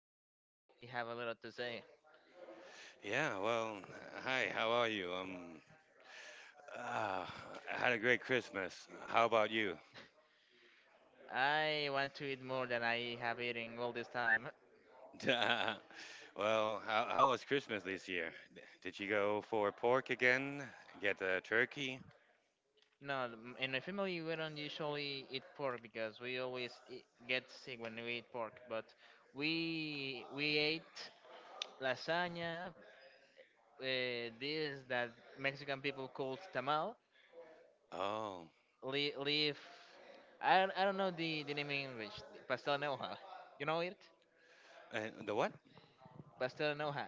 You certainly have a lot to say. yeah. Well, hi. How are you? I had a great Christmas. How about you? I want to eat more than I have eaten all this time. Well, how was Christmas this year? Did you go for pork again? Get a turkey? No, in my family we don't usually eat pork because we always e get sick when we eat pork. But we ate lasagna, this that Mexican people call tamal, Oh, leaf. I don't know the name in English. Pastel de noja. You know it? and the what? Pastel de noja.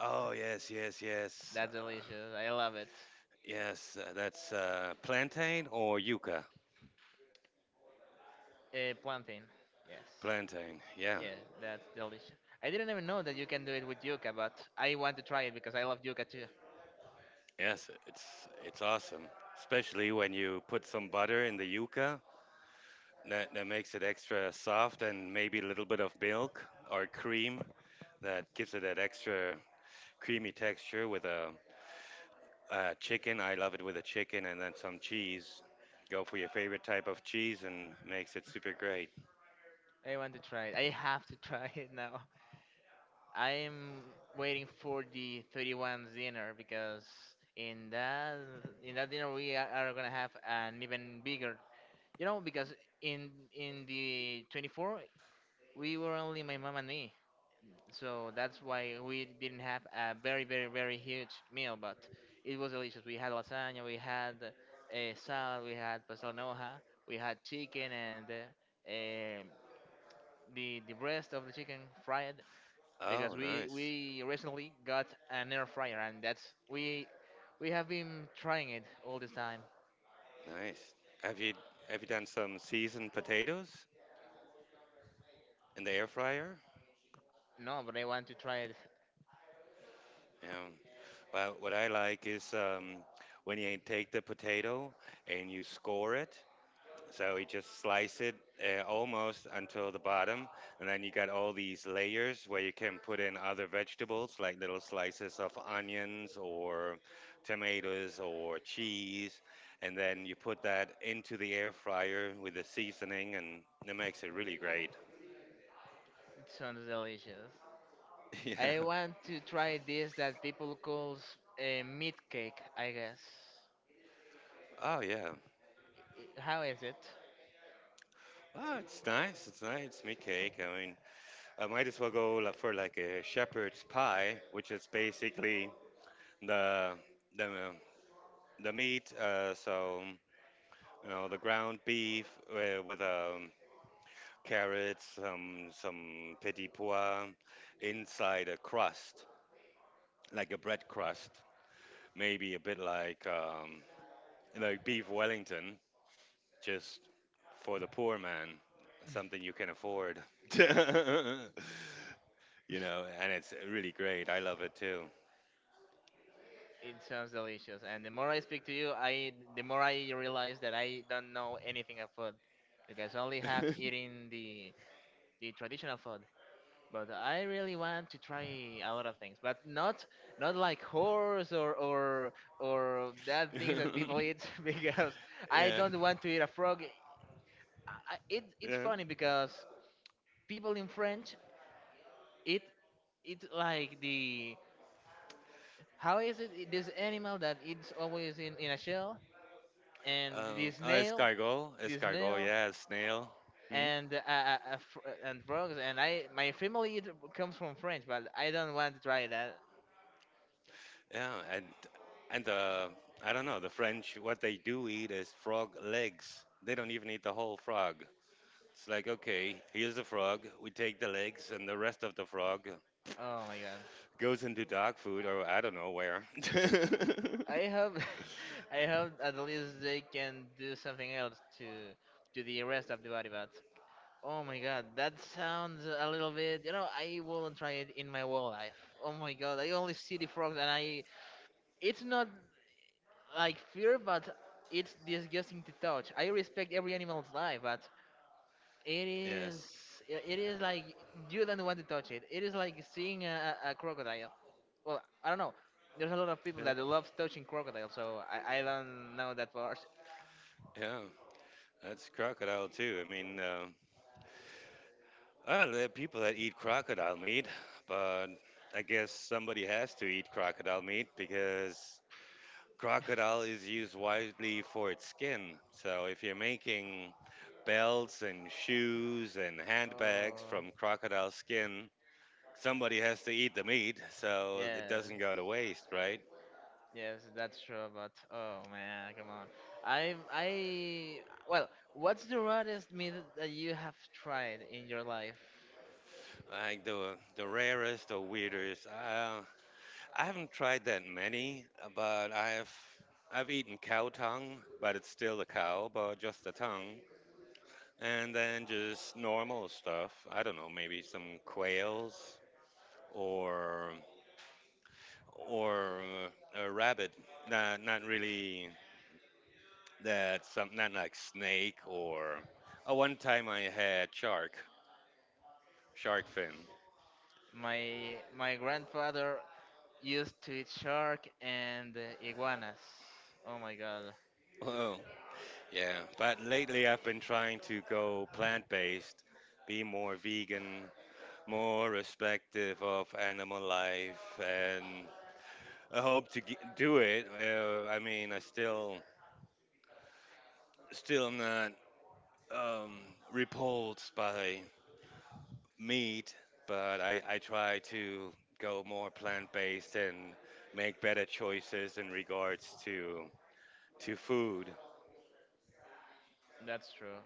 Oh, yes, yes, yes, That's delicious. I love it. yes. That's plantain or yuca. Plantain. Yes. Plantain. Yeah. Yeah, that's delicious. I didn't even know that you can do it with yuca, but I want to try it because I love yuca too. Yes, it's awesome. Especially when you put some butter in the yuca. That makes it extra soft, and maybe a little bit of milk or cream that gives it that extra creamy texture with a chicken. I love it with a chicken and then some cheese. Go for your favorite type of cheese and makes it super great. I want to try it. I have to try it now. I'm waiting for the 31st's dinner because in that in that dinner we are, gonna have an even bigger. You know, because in in the 24th we were only my mom and me. So that's why we didn't have a very huge meal, but it was delicious. We had lasagna, we had a salad, we had pastel noja, we had chicken, and the breast of the chicken fried, because Oh, we nice, we recently got an air fryer, and that's we have been trying it all this time. nice. Have you have you done some seasoned potatoes in the air fryer? No, but I want to try it. Yeah. Well, what I like is when you take the potato and you score it. So you just slice it almost until the bottom, and then you got all these layers where you can put in other vegetables, like little slices of onions or tomatoes or cheese, and then you put that into the air fryer with the seasoning, and it makes it really great. Sounds delicious. I Yeah. want to try this that people calls a meat cake, I guess. Oh yeah. How is it? Oh, it's nice. It's nice. It's meat cake. I mean, I might as well go like, for like a shepherd's pie, which is basically the the the meat, so you know, the ground beef with carrots, some petit pois inside a crust, like a bread crust, maybe a bit like beef Wellington, just for the poor man, something you can afford. You know, and it's really great. I love it too. It sounds delicious. And the more I speak to you, I the more I realize that I don't know anything of food because I only have eaten the traditional food. But I really want to try a lot of things, but not like horse or that things that people eat because I Yeah, don't want to eat a frog. I, it's yeah. funny because people in French eat it's like the how is it this animal that it's always in a shell and Oh, escargot, this escargot, nail, yeah, snail. Hmm? and and frogs. And I, my family it comes from French, but I don't want to try that. Yeah, and the I don't know, the French, what they do eat is frog legs. They don't even eat the whole frog. It's like okay, here's the frog. We take the legs, and the rest of the frog Oh my god! goes into dog food or I don't know where. I hope, I hope at least they can do something else to the rest of the body, but oh my god, that sounds a little bit. You know, I won't try it in my whole life. Oh my god, I only see the frogs, and I. It's not like fear, but it's disgusting to touch. I respect every animal's life, but it is. Yes, It is like you don't want to touch it. It is like seeing a, a crocodile. Well, I don't know. There's a lot of people yeah, that loves touching crocodiles, so I don't know that part. yeah, that's crocodile too. I mean, there are people that eat crocodile meat, but I guess somebody has to eat crocodile meat because crocodile is used widely for its skin. So if you're making belts and shoes and handbags Oh, from crocodile skin. Somebody has to eat the meat, so it doesn't go yes, to waste, right? yes, that's true. But oh man, come on. I well, what's the rarest meat that you have tried in your life? Like the rarest or weirdest. I haven't tried that many, but I've eaten cow tongue, but it's still a cow, but just the tongue. And then just normal stuff. I don't know, maybe some quails or or a rabbit. Not really. That's something, not like snake or. Oh, one time I had shark, shark fin. My grandfather used to eat shark and iguanas. Oh my god. Oh, yeah. But lately I've been trying to go plant based, be more vegan, more respective of animal life, and I hope to do it. I mean, I still, still not um, repulsed by meat, but I try to go more plant based and make better choices in regards to food. That's true.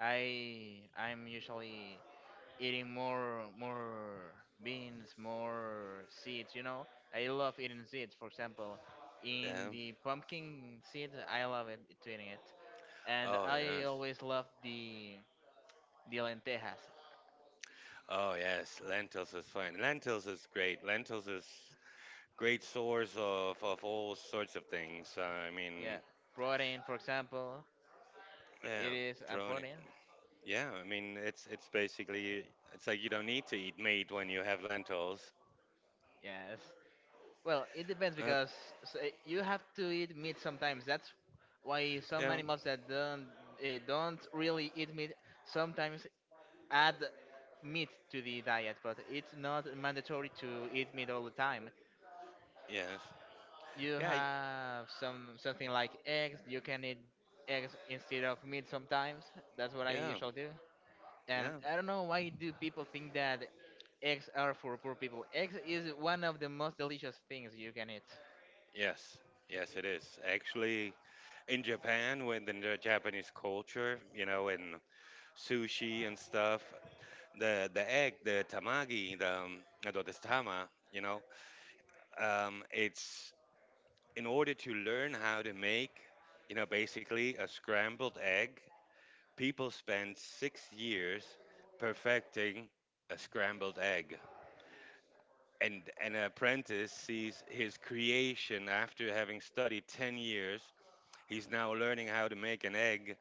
I'm usually eating more beans, more seeds, you know. I love eating seeds, for example, in Yeah. the pumpkin seed, I love it to eating it. And Oh I yes. always love the lentejas. Oh yes. Lentils is fine. Lentils is great. Lentils is great source of all sorts of things. I Yeah. mean, Protein, for example, yeah, it is a protein. protein. Yeah, I mean it's basically it's like you don't need to eat meat when you have lentils. Yes. Well, it depends Uh, because you have to eat meat sometimes. That's why some yeah. animals that don't really eat meat sometimes add meat to the diet, but it's not mandatory to eat meat all the time. Yes. You Yeah. Have some something like eggs. You can eat eggs instead of meat sometimes. That's what I Yeah. usually do. And Yeah. I don't know why do people think that eggs are for poor people. Eggs is one of the most delicious things you can eat. Yes, yes, it is. Actually, in Japan, within the Japanese culture, you know, in sushi and stuff, the egg, the tamagi, the no, the tama, you know, it's in order to learn how to make, you know, basically a scrambled egg. People spend 6 years perfecting a scrambled egg, and an apprentice sees his creation after having studied 10 years. He's now learning how to make an egg,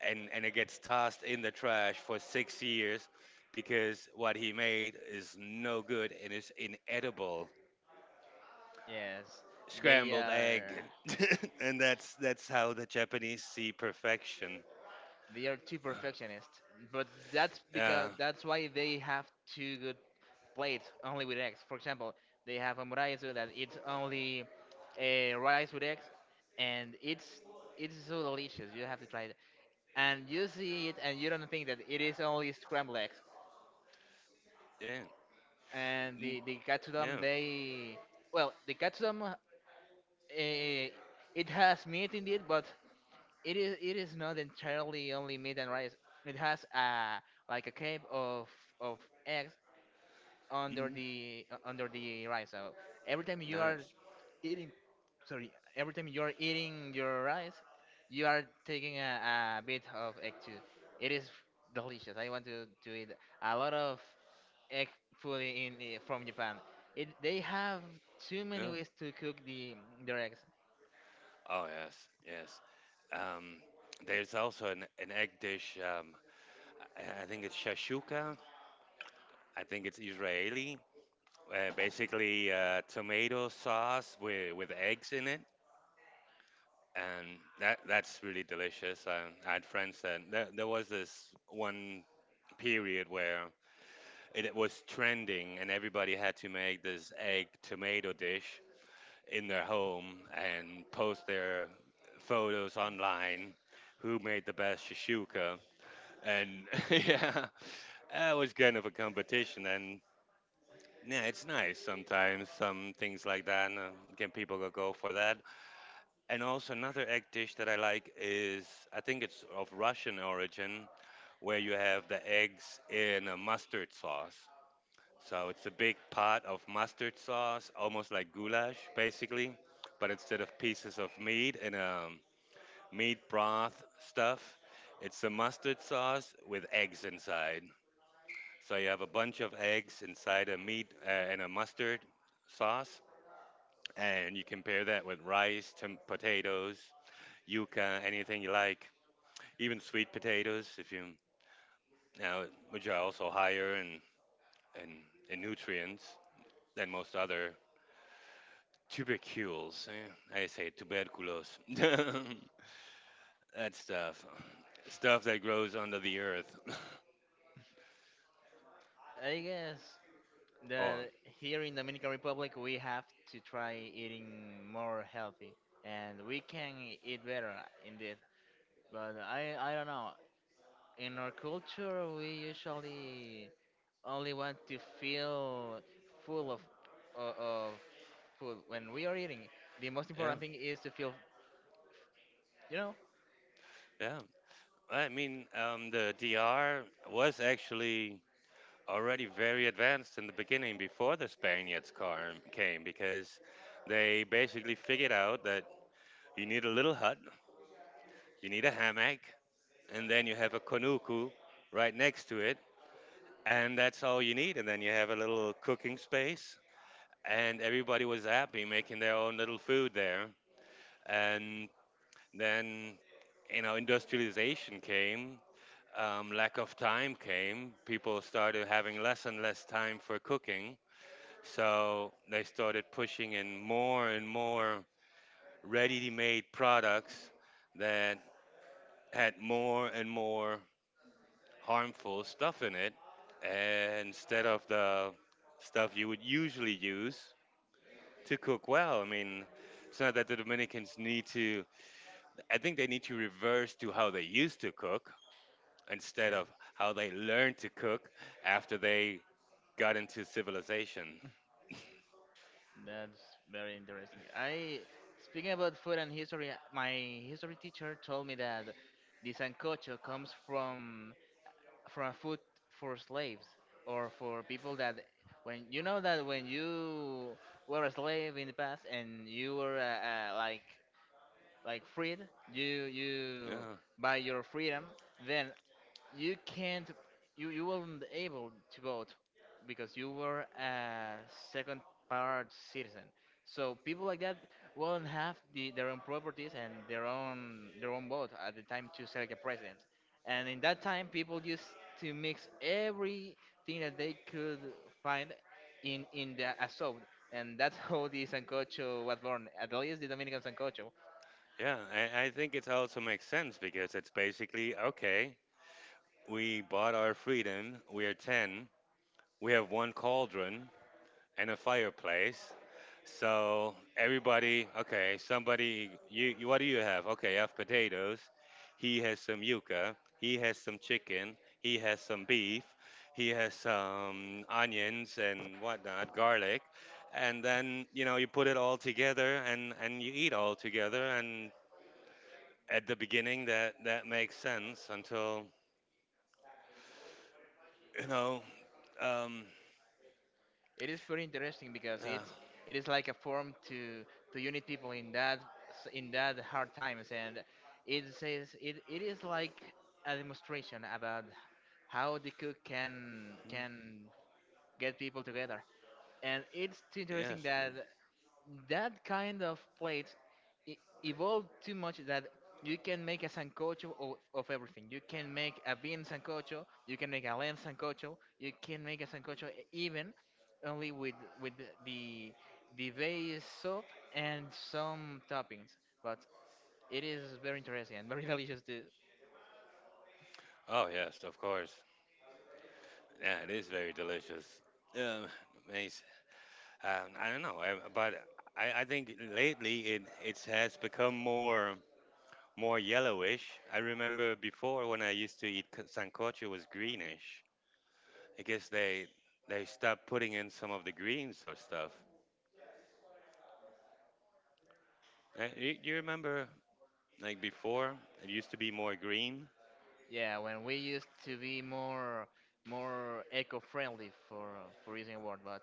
and it gets tossed in the trash for 6 years because what he made is no good and is inedible. Yes, they Scrambled are egg, and that's how the Japanese see perfection. they are too perfectionist, but that's Uh, because that's why they have two good plates only with eggs. For example, they have a muraisu that it's only a rice with eggs, and it's so delicious. You have to try it, and you see it, and you don't think that it is only scrambled eggs. yeah, And mm, the katsudon, yeah, they well, the katsudon, it has meat in it, but it is not entirely only meat and rice. It has a like a cake of of eggs hmm under the rice. So every time you are nice. eating, sorry, every time you are eating your rice, you are taking a bit of egg too. It is delicious. I want to eat a lot of egg food in from Japan. It they have too many Yeah. ways to cook the their eggs. Oh yes, yes. Um, there's also an egg dish. I think it's shashuka. I think it's Israeli. Basically, tomato sauce with eggs in it, and that's really delicious. I had friends that there was this one period where it was trending, and everybody had to make this egg tomato dish in their home and post their photos online. Who made the best shashuka? And yeah, that was kind of a competition, and yeah, it's nice sometimes. Some things like that. Can people go for that? And also another egg dish that I like is I think it's of Russian origin where you have the eggs in a mustard sauce. So it's a big pot of mustard sauce, almost like goulash basically, but instead of pieces of meat and meat broth stuff, it's a mustard sauce with eggs inside. So you have a bunch of eggs inside a meat and a mustard sauce, and you can pair that with rice, potatoes, yuca, anything you like. Even sweet potatoes, if you now, which are also higher in in, nutrients than most other tubercules. Eh? I say tuberculos. that stuff, stuff that grows under the earth. I guess Oh, that here in Dominican Republic we have to try eating more healthy and we can eat better indeed. But I don't know. In our culture we usually only want to feel full of food when we are eating. The most yeah, important thing is to feel, you know. yeah. I mean, the DR was actually already very advanced in the beginning before the Spaniards came because they basically figured out that you need a little hut, you need a hammock, and then you have a konuku right next to it, and that's all you need. And then you have a little cooking space, and everybody was happy making their own little food there. And then you know industrialization came, lack of time came. People started having less and less time for cooking, so they started pushing in more and more ready-made products that had more and more harmful stuff in it instead of the stuff you would usually use to cook well. I mean, it's not that the Dominicans need to, I think they need to reverse to how they used to cook instead Yeah. of how they learned to cook after they got into civilization. That's very interesting. I Speaking about food and history, my history teacher told me that the sancocho comes from food for slaves or for people that when you know that when you were a slave in the past and you were like freed, you Yeah. by your freedom, then you can't you you weren't able to vote because you were a second part citizen. So people like that won't have the, their own properties and their own vote at the time to select a president. And in that time people used to mix everything that they could find in the assault, and that's how the sancocho was born, at least the dominican sancocho. Yeah. I think it also makes sense because it's basically okay, we bought our freedom, we are 10, we have one cauldron and a fireplace. So everybody, okay, somebody, you, what do you have? Okay, I have potatoes. He has some yuca. He has some chicken. He has some beef. He has some onions and whatnot, garlic. And then, you know, you put it all together and you eat all together. And at the beginning, that makes sense until, you know, um, It is pretty interesting because uh, it is like a form to unite people in that in that hard times, and it says it, it is like a demonstration about how the cook mm, can get people together. And it's interesting yes. Mm. that that kind of plate e- evolved too much that you can make a sancocho of everything. You can make a bean sancocho, you can make a lamb sancocho, you can make a sancocho even only with the the base soup and some toppings. But it is very interesting and very delicious too. Oh, yes, of course. Yeah, it is very delicious. Um, Um, I don't know, but I think lately it has become more yellowish. I remember before when I used to eat sancocho was greenish. I guess they stopped putting in some of the greens or stuff. You remember like before it used to be more green? Yeah, when we used to be more eco-friendly for using a word, but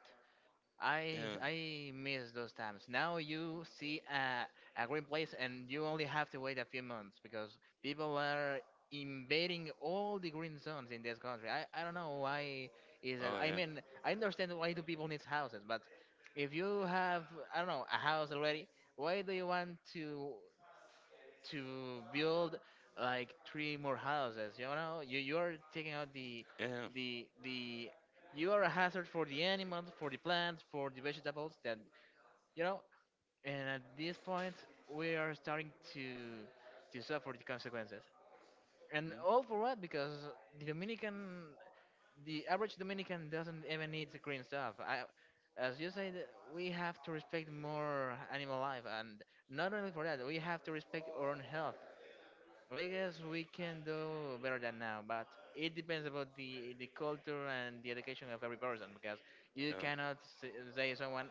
Yeah. I miss those times. Now you see a green place and you only have to wait a few months because people are invading all the green zones in this country. I don't know why is that. Oh I yeah. mean, I understand why do people need houses, but if you have I don't know a house already, why do you want to build like three more houses? You know, you are taking out Yeah. The you are a hazard for the animals, for the plants, for the vegetables. That you know, and at this point, we are starting to suffer the consequences. And Mm. all for what? Because the Dominican, the average Dominican doesn't even need the green stuff. I, as you said, we have to respect more animal life, and not only for that, we have to respect our own health. I guess we can do better than now, but it depends about the culture and the education of every person, because you Yeah. cannot say someone.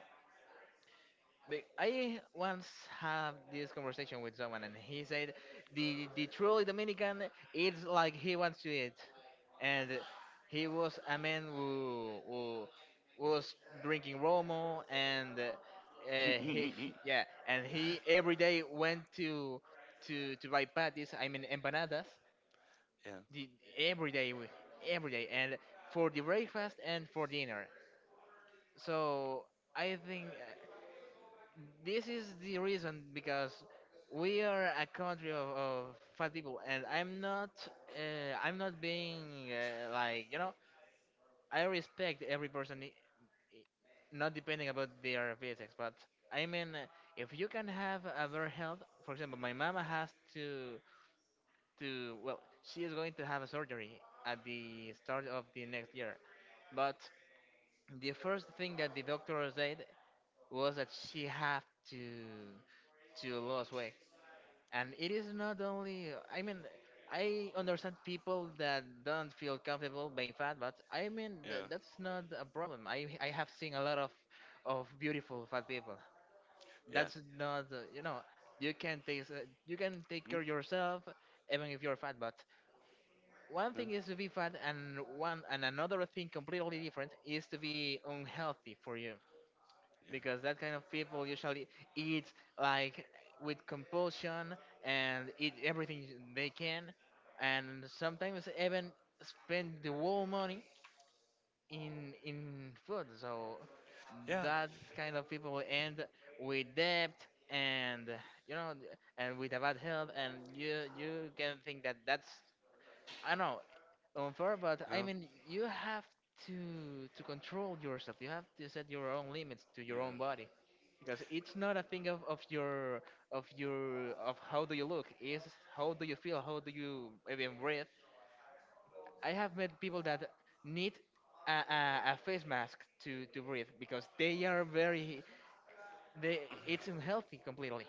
I once had this conversation with someone and he said the truly Dominican eats like he wants to eat, and he was a man who was drinking Romo and he yeah and he every day went to buy patties, I mean empanadas yeah. the, every day, every day, and for the breakfast and for dinner. So I think this is the reason because we are a country of fat people, and I'm not being like you know, I respect every person, not depending about their physics, but I mean, if you can have a better health, for example, my mama has to. To, well, she is going to have a surgery at the start of the next year. But the first thing that the doctor said was that she have to to lose weight. And it is not only, I mean, I understand people that don't feel comfortable being fat, but I mean, Yeah. that's not a problem. I have seen a lot of beautiful fat people. Yeah. That's not you can take you can take Mm, care of yourself even if you're fat. But one mm, thing is to be fat, and one and another thing completely different is to be unhealthy for you, yeah. because that kind of people usually eat, like, with compulsion, and eat everything they can, and sometimes even spend the whole money in food. So Yeah. that kind of people end with debt and, you know and with a bad health. And you can think that that's, I know, unfair, but I Oh, mean, you have to control yourself. You have to set your own limits to yeah. your own body, because it's not a thing of your of your of how do you look. It's how do you feel. How do you even breathe. I have met people that need a face mask to breathe because they are very they it's unhealthy completely.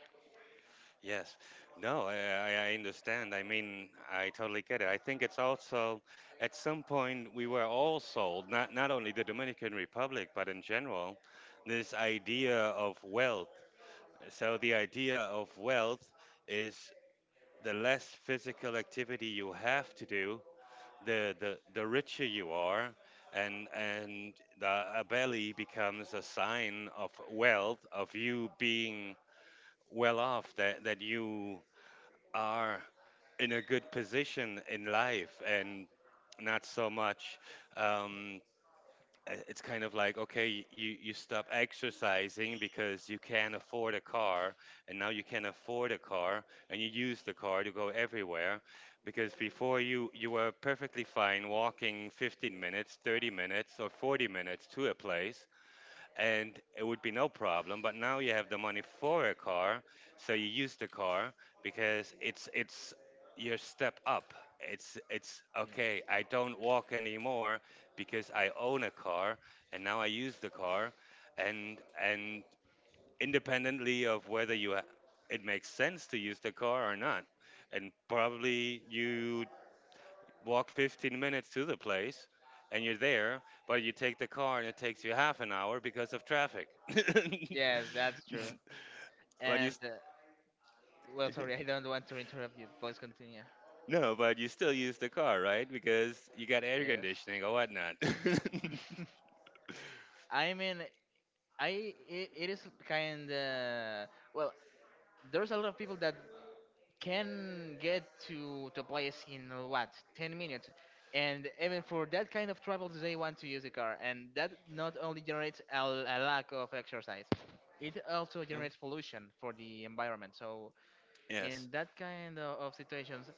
Yes. No, I understand. I mean, I totally get it. I think it's also at some point we were all sold, not not only the Dominican Republic, but in general, this idea of wealth. So the idea of wealth is the less physical activity you have to do, the richer you are. And a belly becomes a sign of wealth, of you being well off, that you are in a good position in life and not so much um it's kind of like okay you stop exercising because you can't afford a car, and now you can afford a car, and you use the car to go everywhere, because before you were perfectly fine walking 15 minutes, 30 minutes or 40 minutes to a place, and it would be no problem. But now you have the money for a car, so you use the car, because it's your step up. It's okay, Yeah. I don't walk anymore because I own a car, and now I use the car. And independently of whether you it makes sense to use the car or not, and probably you walk 15 minutes to the place and you're there, but you take the car and it takes you half an hour because of traffic. Yes, that's true. but you And s- Well, sorry, I don't want to interrupt you. Please continue. no, but you still use the car, right? Because you got air Yes. conditioning or whatnot. I mean, it is kind of, well. There's a lot of people that can get to a place in what, 10 minutes, and even for that kind of travels, they want to use the car, and that not only generates a lack of exercise, it also Uh, generates pollution for the environment. So yes. in that kind of situations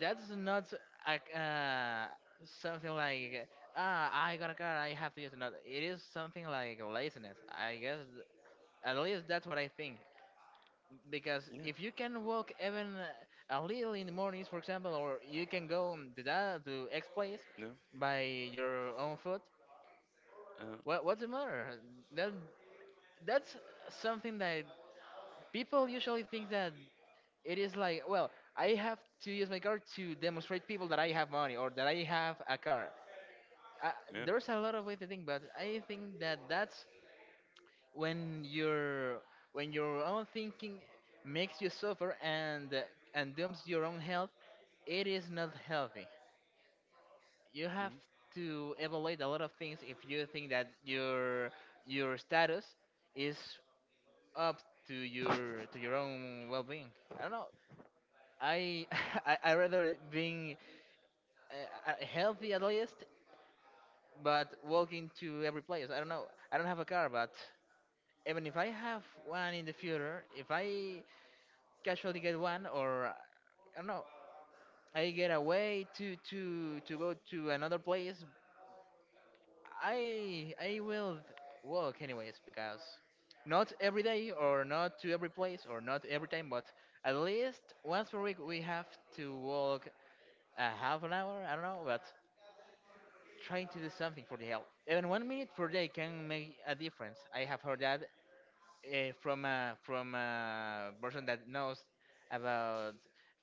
that's not like something like, ah, I got a car, I have to use another. It is something like laziness, I guess. At least that's what I think, because Yeah. if you can walk even a little in the mornings, for example, or you can go to that to X place No. by your own foot. Uh, What, what's the matter? That that's something that people usually think that it is like, well, I have to use my car to demonstrate people that I have money or that I have a car. uh, yeah. there's a lot of way to think, but I think that that's when your when your own thinking makes you suffer, and dooms your own health. It is not healthy. You have mhm, to evaluate a lot of things if you think that your status is up to your own well-being. I don't know. I mhm, I rather being healthy at least, but walking to every place. I don't know. I don't have a car, but even if I have one in the future, if I casually get one, or I don't know, I get away to go to another place, I will walk anyways, because not every day or not to every place or not every time, but at least once per week we have to walk a half an hour. I don't know, but trying to do something for the health. Even one minute per day can make a difference. I have heard that from a person that knows about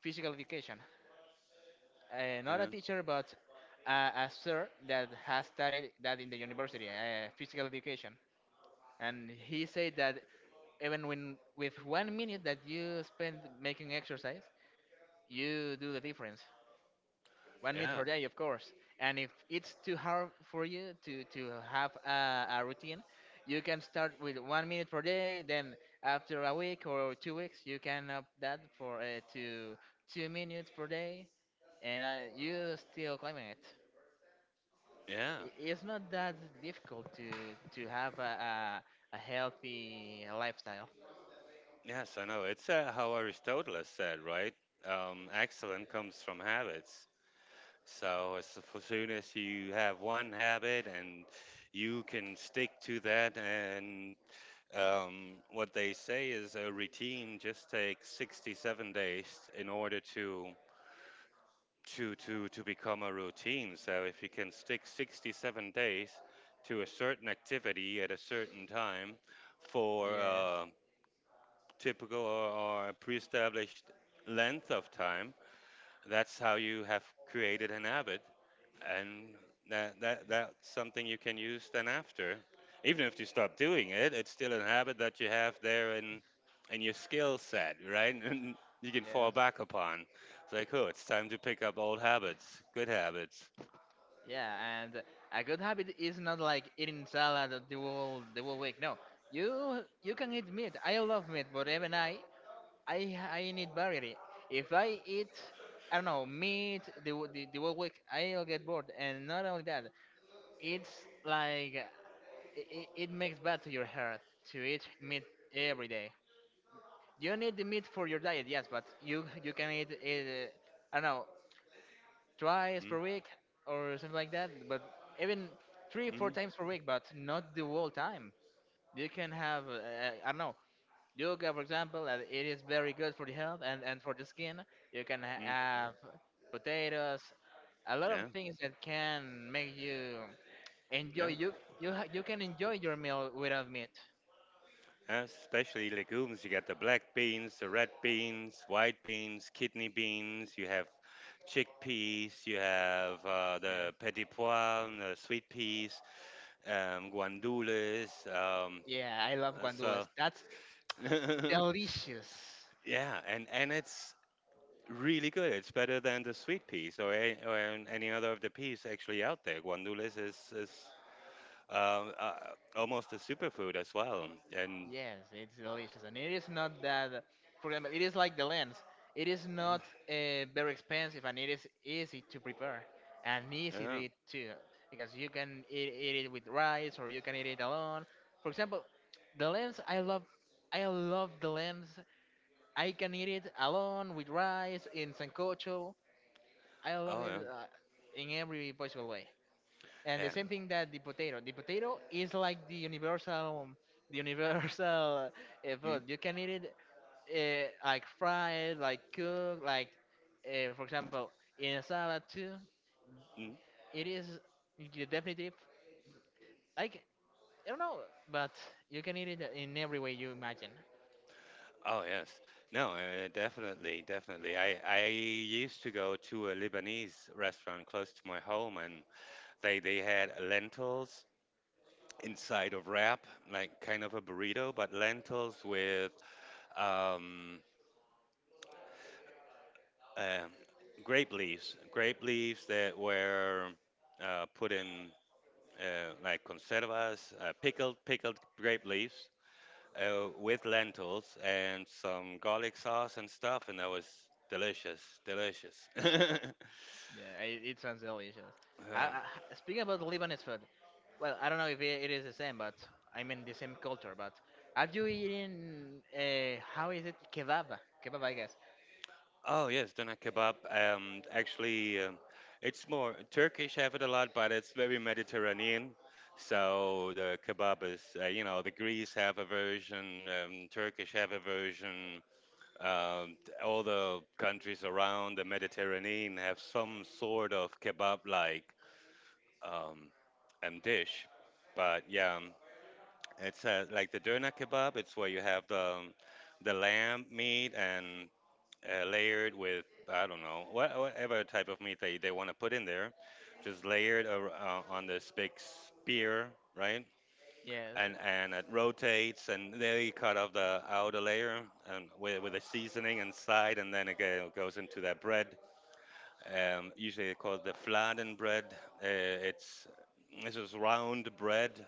physical education. Yeah. Not a teacher, but a sir that has studied that in the university, physical education. And he said that even when with one minute that you spend making exercise, you do the difference. One meal Yeah. per day, of course. And if it's too hard for you to have a routine, you can start with one minute per day. Then after a week or 2 weeks, you can up that for to 2 minutes per day, and you still climbing it. Yeah. It's not that difficult to have a healthy lifestyle. Yes, I know. It's how Aristotle said, right? Excellence comes from habits. So as soon as you have one habit and you can stick to that, and what they say is a routine just takes 67 days in order to to become a routine. So if you can stick 67 days to a certain activity at a certain time for Yes, a typical or a pre-established length of time, that's how you have created an habit. And that that's something you can use then after, even if you stop doing it, it's still a habit that you have there in your skill set, right? And you can fall yes. back upon. It's like, oh, it's time to pick up old habits, good habits. Yeah, and a good habit is not like eating salad the whole week. No, you can eat meat. I love meat, but even I I need variety. If I eat, I don't know, meat the whole week, I'll get bored. And not only that, it's like it makes bad to your health to eat meat every day. You need the meat for your diet, yes, but you can eat it, I don't know, twice per Mm. week or something like that, but even three, four Mm. times per week, but not the whole time. You can have, I don't know, yoga, for example, and it is very good for the health and for the skin. You can Mm. have potatoes, a lot of Yeah. things that can make you enjoy. Yeah. You can enjoy your meal without meat. Especially legumes, you got the black beans, the red beans, white beans, kidney beans, you have chickpeas, you have Yeah. the petit pois, the sweet peas, guandules. Um, Yeah, I love uh, guandules. so That's delicious. yeah, and it's really good. It's better than the sweet peas or any other of the peas actually out there. Guandules is um, uh, almost a superfood as well. And Yes, it's delicious, and it is not that. For example, it is like the lens. It is not mm, very expensive, and it is easy to prepare and easy to yeah, eat too, because you can eat it with rice, or you can eat it alone. For example, the lens I love. I love the lens. I can eat it alone with rice in sancocho. I love oh it yeah, in every possible way. And the yeah. same thing that the potato, the potato is like the universal Mm, food. You can eat it like fried, like cooked, like for example in a salad too. mm. It is the definitive, like, I don't know, but you can eat it in every way you imagine. Oh yes, no, definitely, definitely. I used to go to a Lebanese restaurant close to my home, and they had lentils inside of wrap, like kind of a burrito, but lentils with um, uh, grape leaves that were put in like conservas, pickled grape leaves with lentils and some garlic sauce and stuff, and that was delicious, delicious. Yeah, it sounds delicious. Uh, Speaking about Lebanese food, well, I don't know if it, it is the same, but I mean the same culture. But have you eaten? How is it, kebab? Kebab, I guess. Oh yes, doner kebab. Um, actually, it's more Turkish have it a lot, but it's very Mediterranean. So the kebab is, you know, the Greece have a version, Turkish have a version. Um, all the countries around the Mediterranean have some sort of kebab-like um, dish. But yeah, it's like the doner kebab. It's where you have the lamb meat and layered with, I don't know what, whatever type of meat they want to put in there, just layered on this big spear, right? Yes. And it rotates, and then you cut off the outer layer and with the seasoning inside, and then goes into that bread. Usually they call it the fladen bread. Uh, it's this is round bread.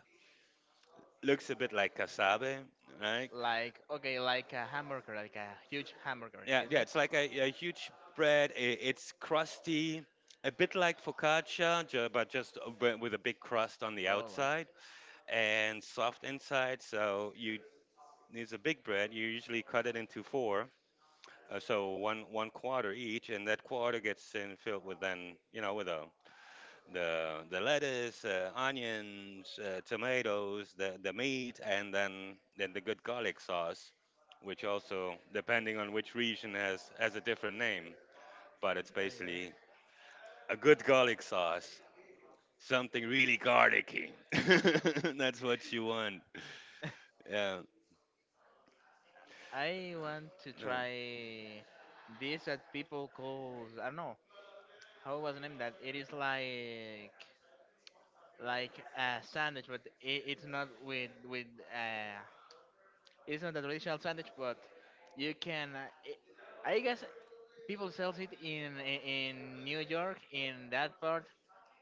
Looks a bit like cassave, right? Like, okay, like a hamburger, like a huge hamburger, Yeah, isn't yeah, it? it's like a huge bread. I It's crusty, a bit like focaccia, but just a bit with a big crust on the All right. outside and soft inside. So you, it's a big bread. You usually cut it into four, so one quarter each, and that quarter gets in filled with, then you know, with the the lettuce, onions, tomatoes, the meat, and then the good garlic sauce, which also depending on which region has a different name, but it's There you go. basically a good garlic sauce, something really garlicky. That's what you want. Yeah. I want to No. try this that people call, I don't know how was the name, that it is like a sandwich, but it, it's not with with uh, it's not a traditional sandwich, but you can. I guess people sells it in New York in that part,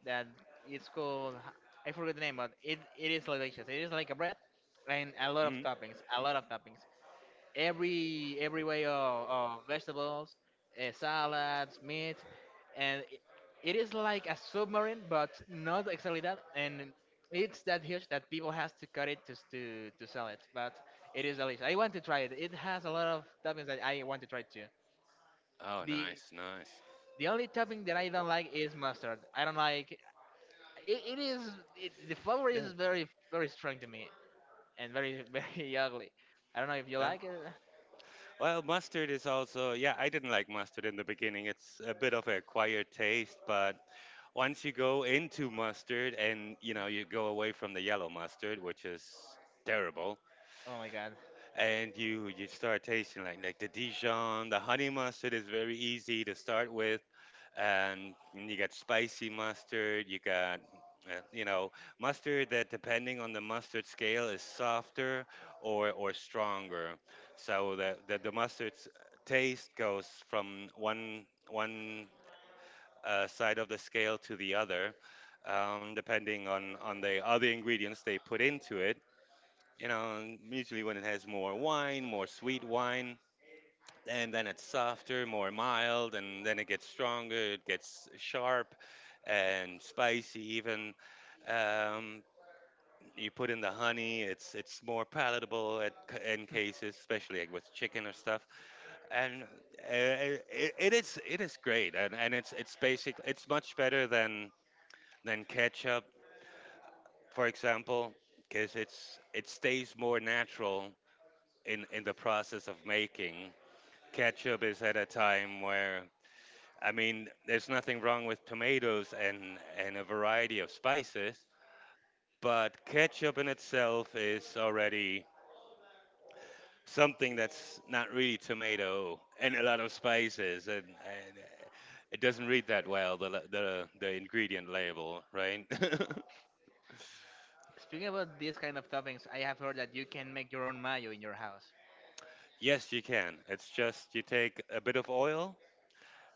that it's called, I forget the name, but it is delicious. It is like a bread and a lot of Mm. toppings, a lot of toppings. Every way of vegetables, salads, meat, and it is like a submarine, but not exactly that. And it's that huge that people has to cut it to sell it. But it is delicious. I want to try it. It has a lot of toppings that I want to try too. Oh, The nice, nice. the only topping that I don't like is mustard. I don't like it. It is it, the flavor Yeah, is very very strong to me, and very very ugly. I don't know if you yeah. like it. Well, mustard is also, yeah, I didn't like mustard in the beginning. It's a bit of a acquired taste, but once you go into mustard and, you know, you go away from the yellow mustard, which is terrible, Oh my god. and you start tasting like the Dijon. The honey mustard is very easy to start with, and you got spicy mustard, you got you know, mustard that depending on the mustard scale is softer or stronger. So the the mustard's taste goes from one side of the scale to the other, depending on the other ingredients they put into it, you know. And usually when it has more wine, more sweet wine, and then it's softer, more mild, and then it gets stronger, it gets sharp and spicy even. Um, you put in the honey, it's more palatable in cases, especially like with chicken or stuff. And it, it is great, and it's basic. It's much better than ketchup, for example, because it's it stays more natural in the process of making. Ketchup is at a time where, I mean, there's nothing wrong with tomatoes and a variety of spices, but ketchup in itself is already something that's not really tomato and a lot of spices, and it doesn't read that well, the ingredient label, right? Speaking about these kind of toppings, I have heard that you can make your own mayo in your house. Yes, you can. It's just you take a bit of oil,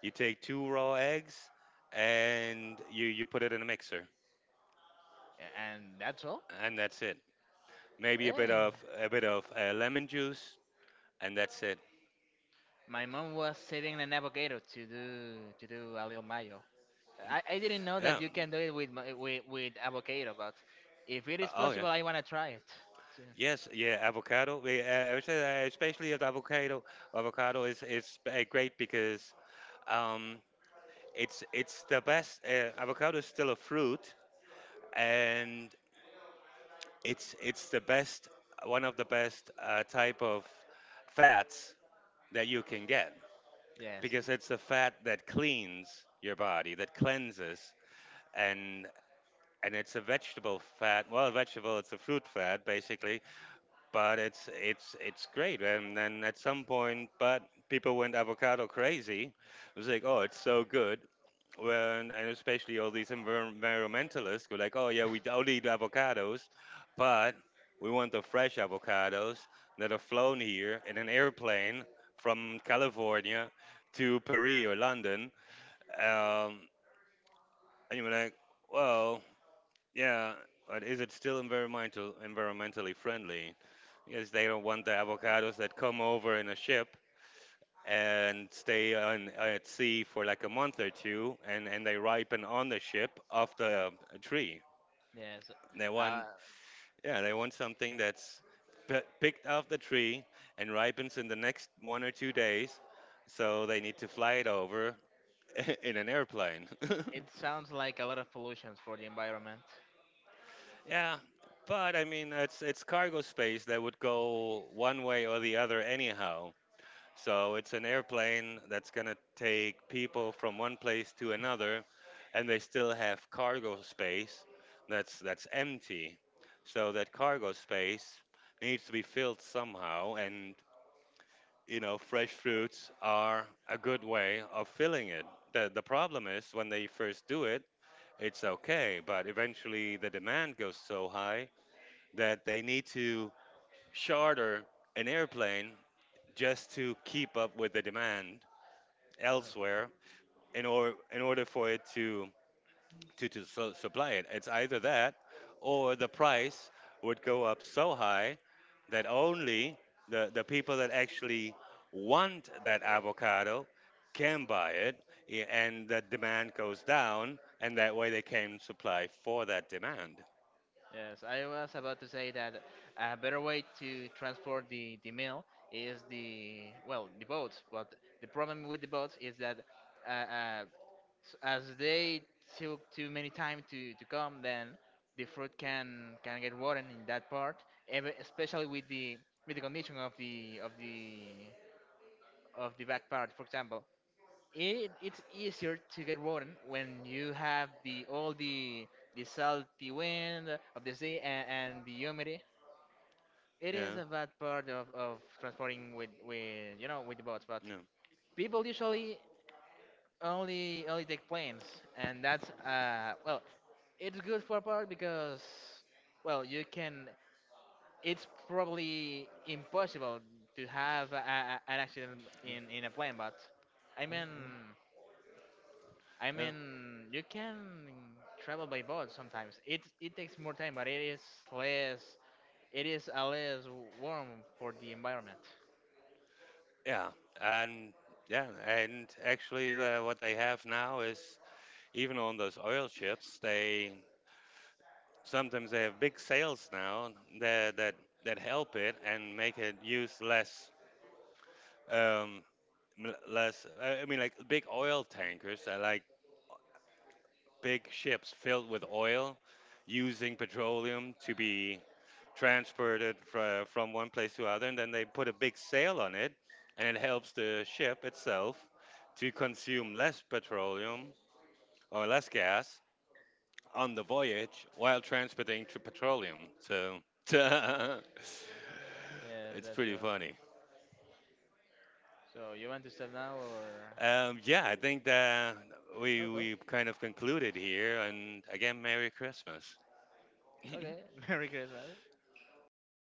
you take two raw eggs, and you put it in a mixer, And that's all. and that's it. Maybe Eh. A bit of lemon juice, and that's it. My mom was saving an avocado to do, to do a little mayo. I didn't know that Yeah. you can do it with avocado, but if it is Oh yeah. possible, I wanna try it. Yes. Yeah. Avocado. I would say that especially with avocado. Avocado is great because um it's the best. Avocado is still a fruit, and it's the best, one of the best type of fats that you can get, Yes, because it's the fat that cleans your body, that cleanses, and and it's a vegetable fat. Well, vegetable. It's a fruit fat basically. But it's great. And then at some point, but people went avocado crazy. It was like, oh, it's so good. Well, and especially all these environmentalists were like, oh yeah, we don't eat avocados, but we want the fresh avocados that are flown here in an airplane from California to Paris or London. um, and you were like, well, yeah, but is it still environmentally friendly? Because they don't want the avocados that come over in a ship and stay on at sea for like a month or two, and they ripen on the ship off the tree. yes. They Uh, want, yeah, they want something that's picked off the tree and ripens in the next one or two days, so they need to fly it over in an airplane. it sounds like a lot of pollutions for the environment. Yeah, but I mean it's cargo space that would go one way or the other anyhow. So it's an airplane that's going to take people from one place to another, and they still have cargo space that's empty. So that cargo space needs to be filled somehow, and you know, fresh fruits are a good way of filling it. The problem is when they first do it, it's okay, but eventually the demand goes so high that they need to charter an airplane just to keep up with the demand Yeah. elsewhere, in or in order for it to to supply it. It's either that or the price would go up so high that only the people that actually want that avocado can buy it, and the demand goes down, and that way they can supply for that demand. Yes, I was about to say that a better way to transport the meal is the, well, the boats. But the problem with the boats is that, uh, uh, as they took too many time to come, then the fruit can get rotten in that part, especially with the condition of the of the of the back part, for example. It, it's easier to get rotten when you have the all the salty wind of the sea and the humidity. It is Yeah. a bad part of transporting with, you know, with the boats. But Yeah. people usually only take planes, and that's uh, well, it's good for a part because, well, you can. It's probably impossible to have a, an accident in a plane, but I mean, I Yeah. mean, you can travel by boat sometimes. It takes more time, but it is less. It is a less warm for the environment. Yeah. And yeah, and actually the, what they have now is, even on those oil ships, they sometimes they have big sales now that that that help it and make it use less um less I mean, like big oil tankers are like big ships filled with oil, using petroleum to be transported from one place to other, and then they put a big sail on it, and it helps the ship itself to consume less petroleum or less gas on the voyage while transporting to petroleum. So Yes, it's that's pretty true. funny. So you want to start now, or? Yeah, I think that we Okay. we kind of concluded here. And again, Merry Christmas. Okay. Merry Christmas. All right.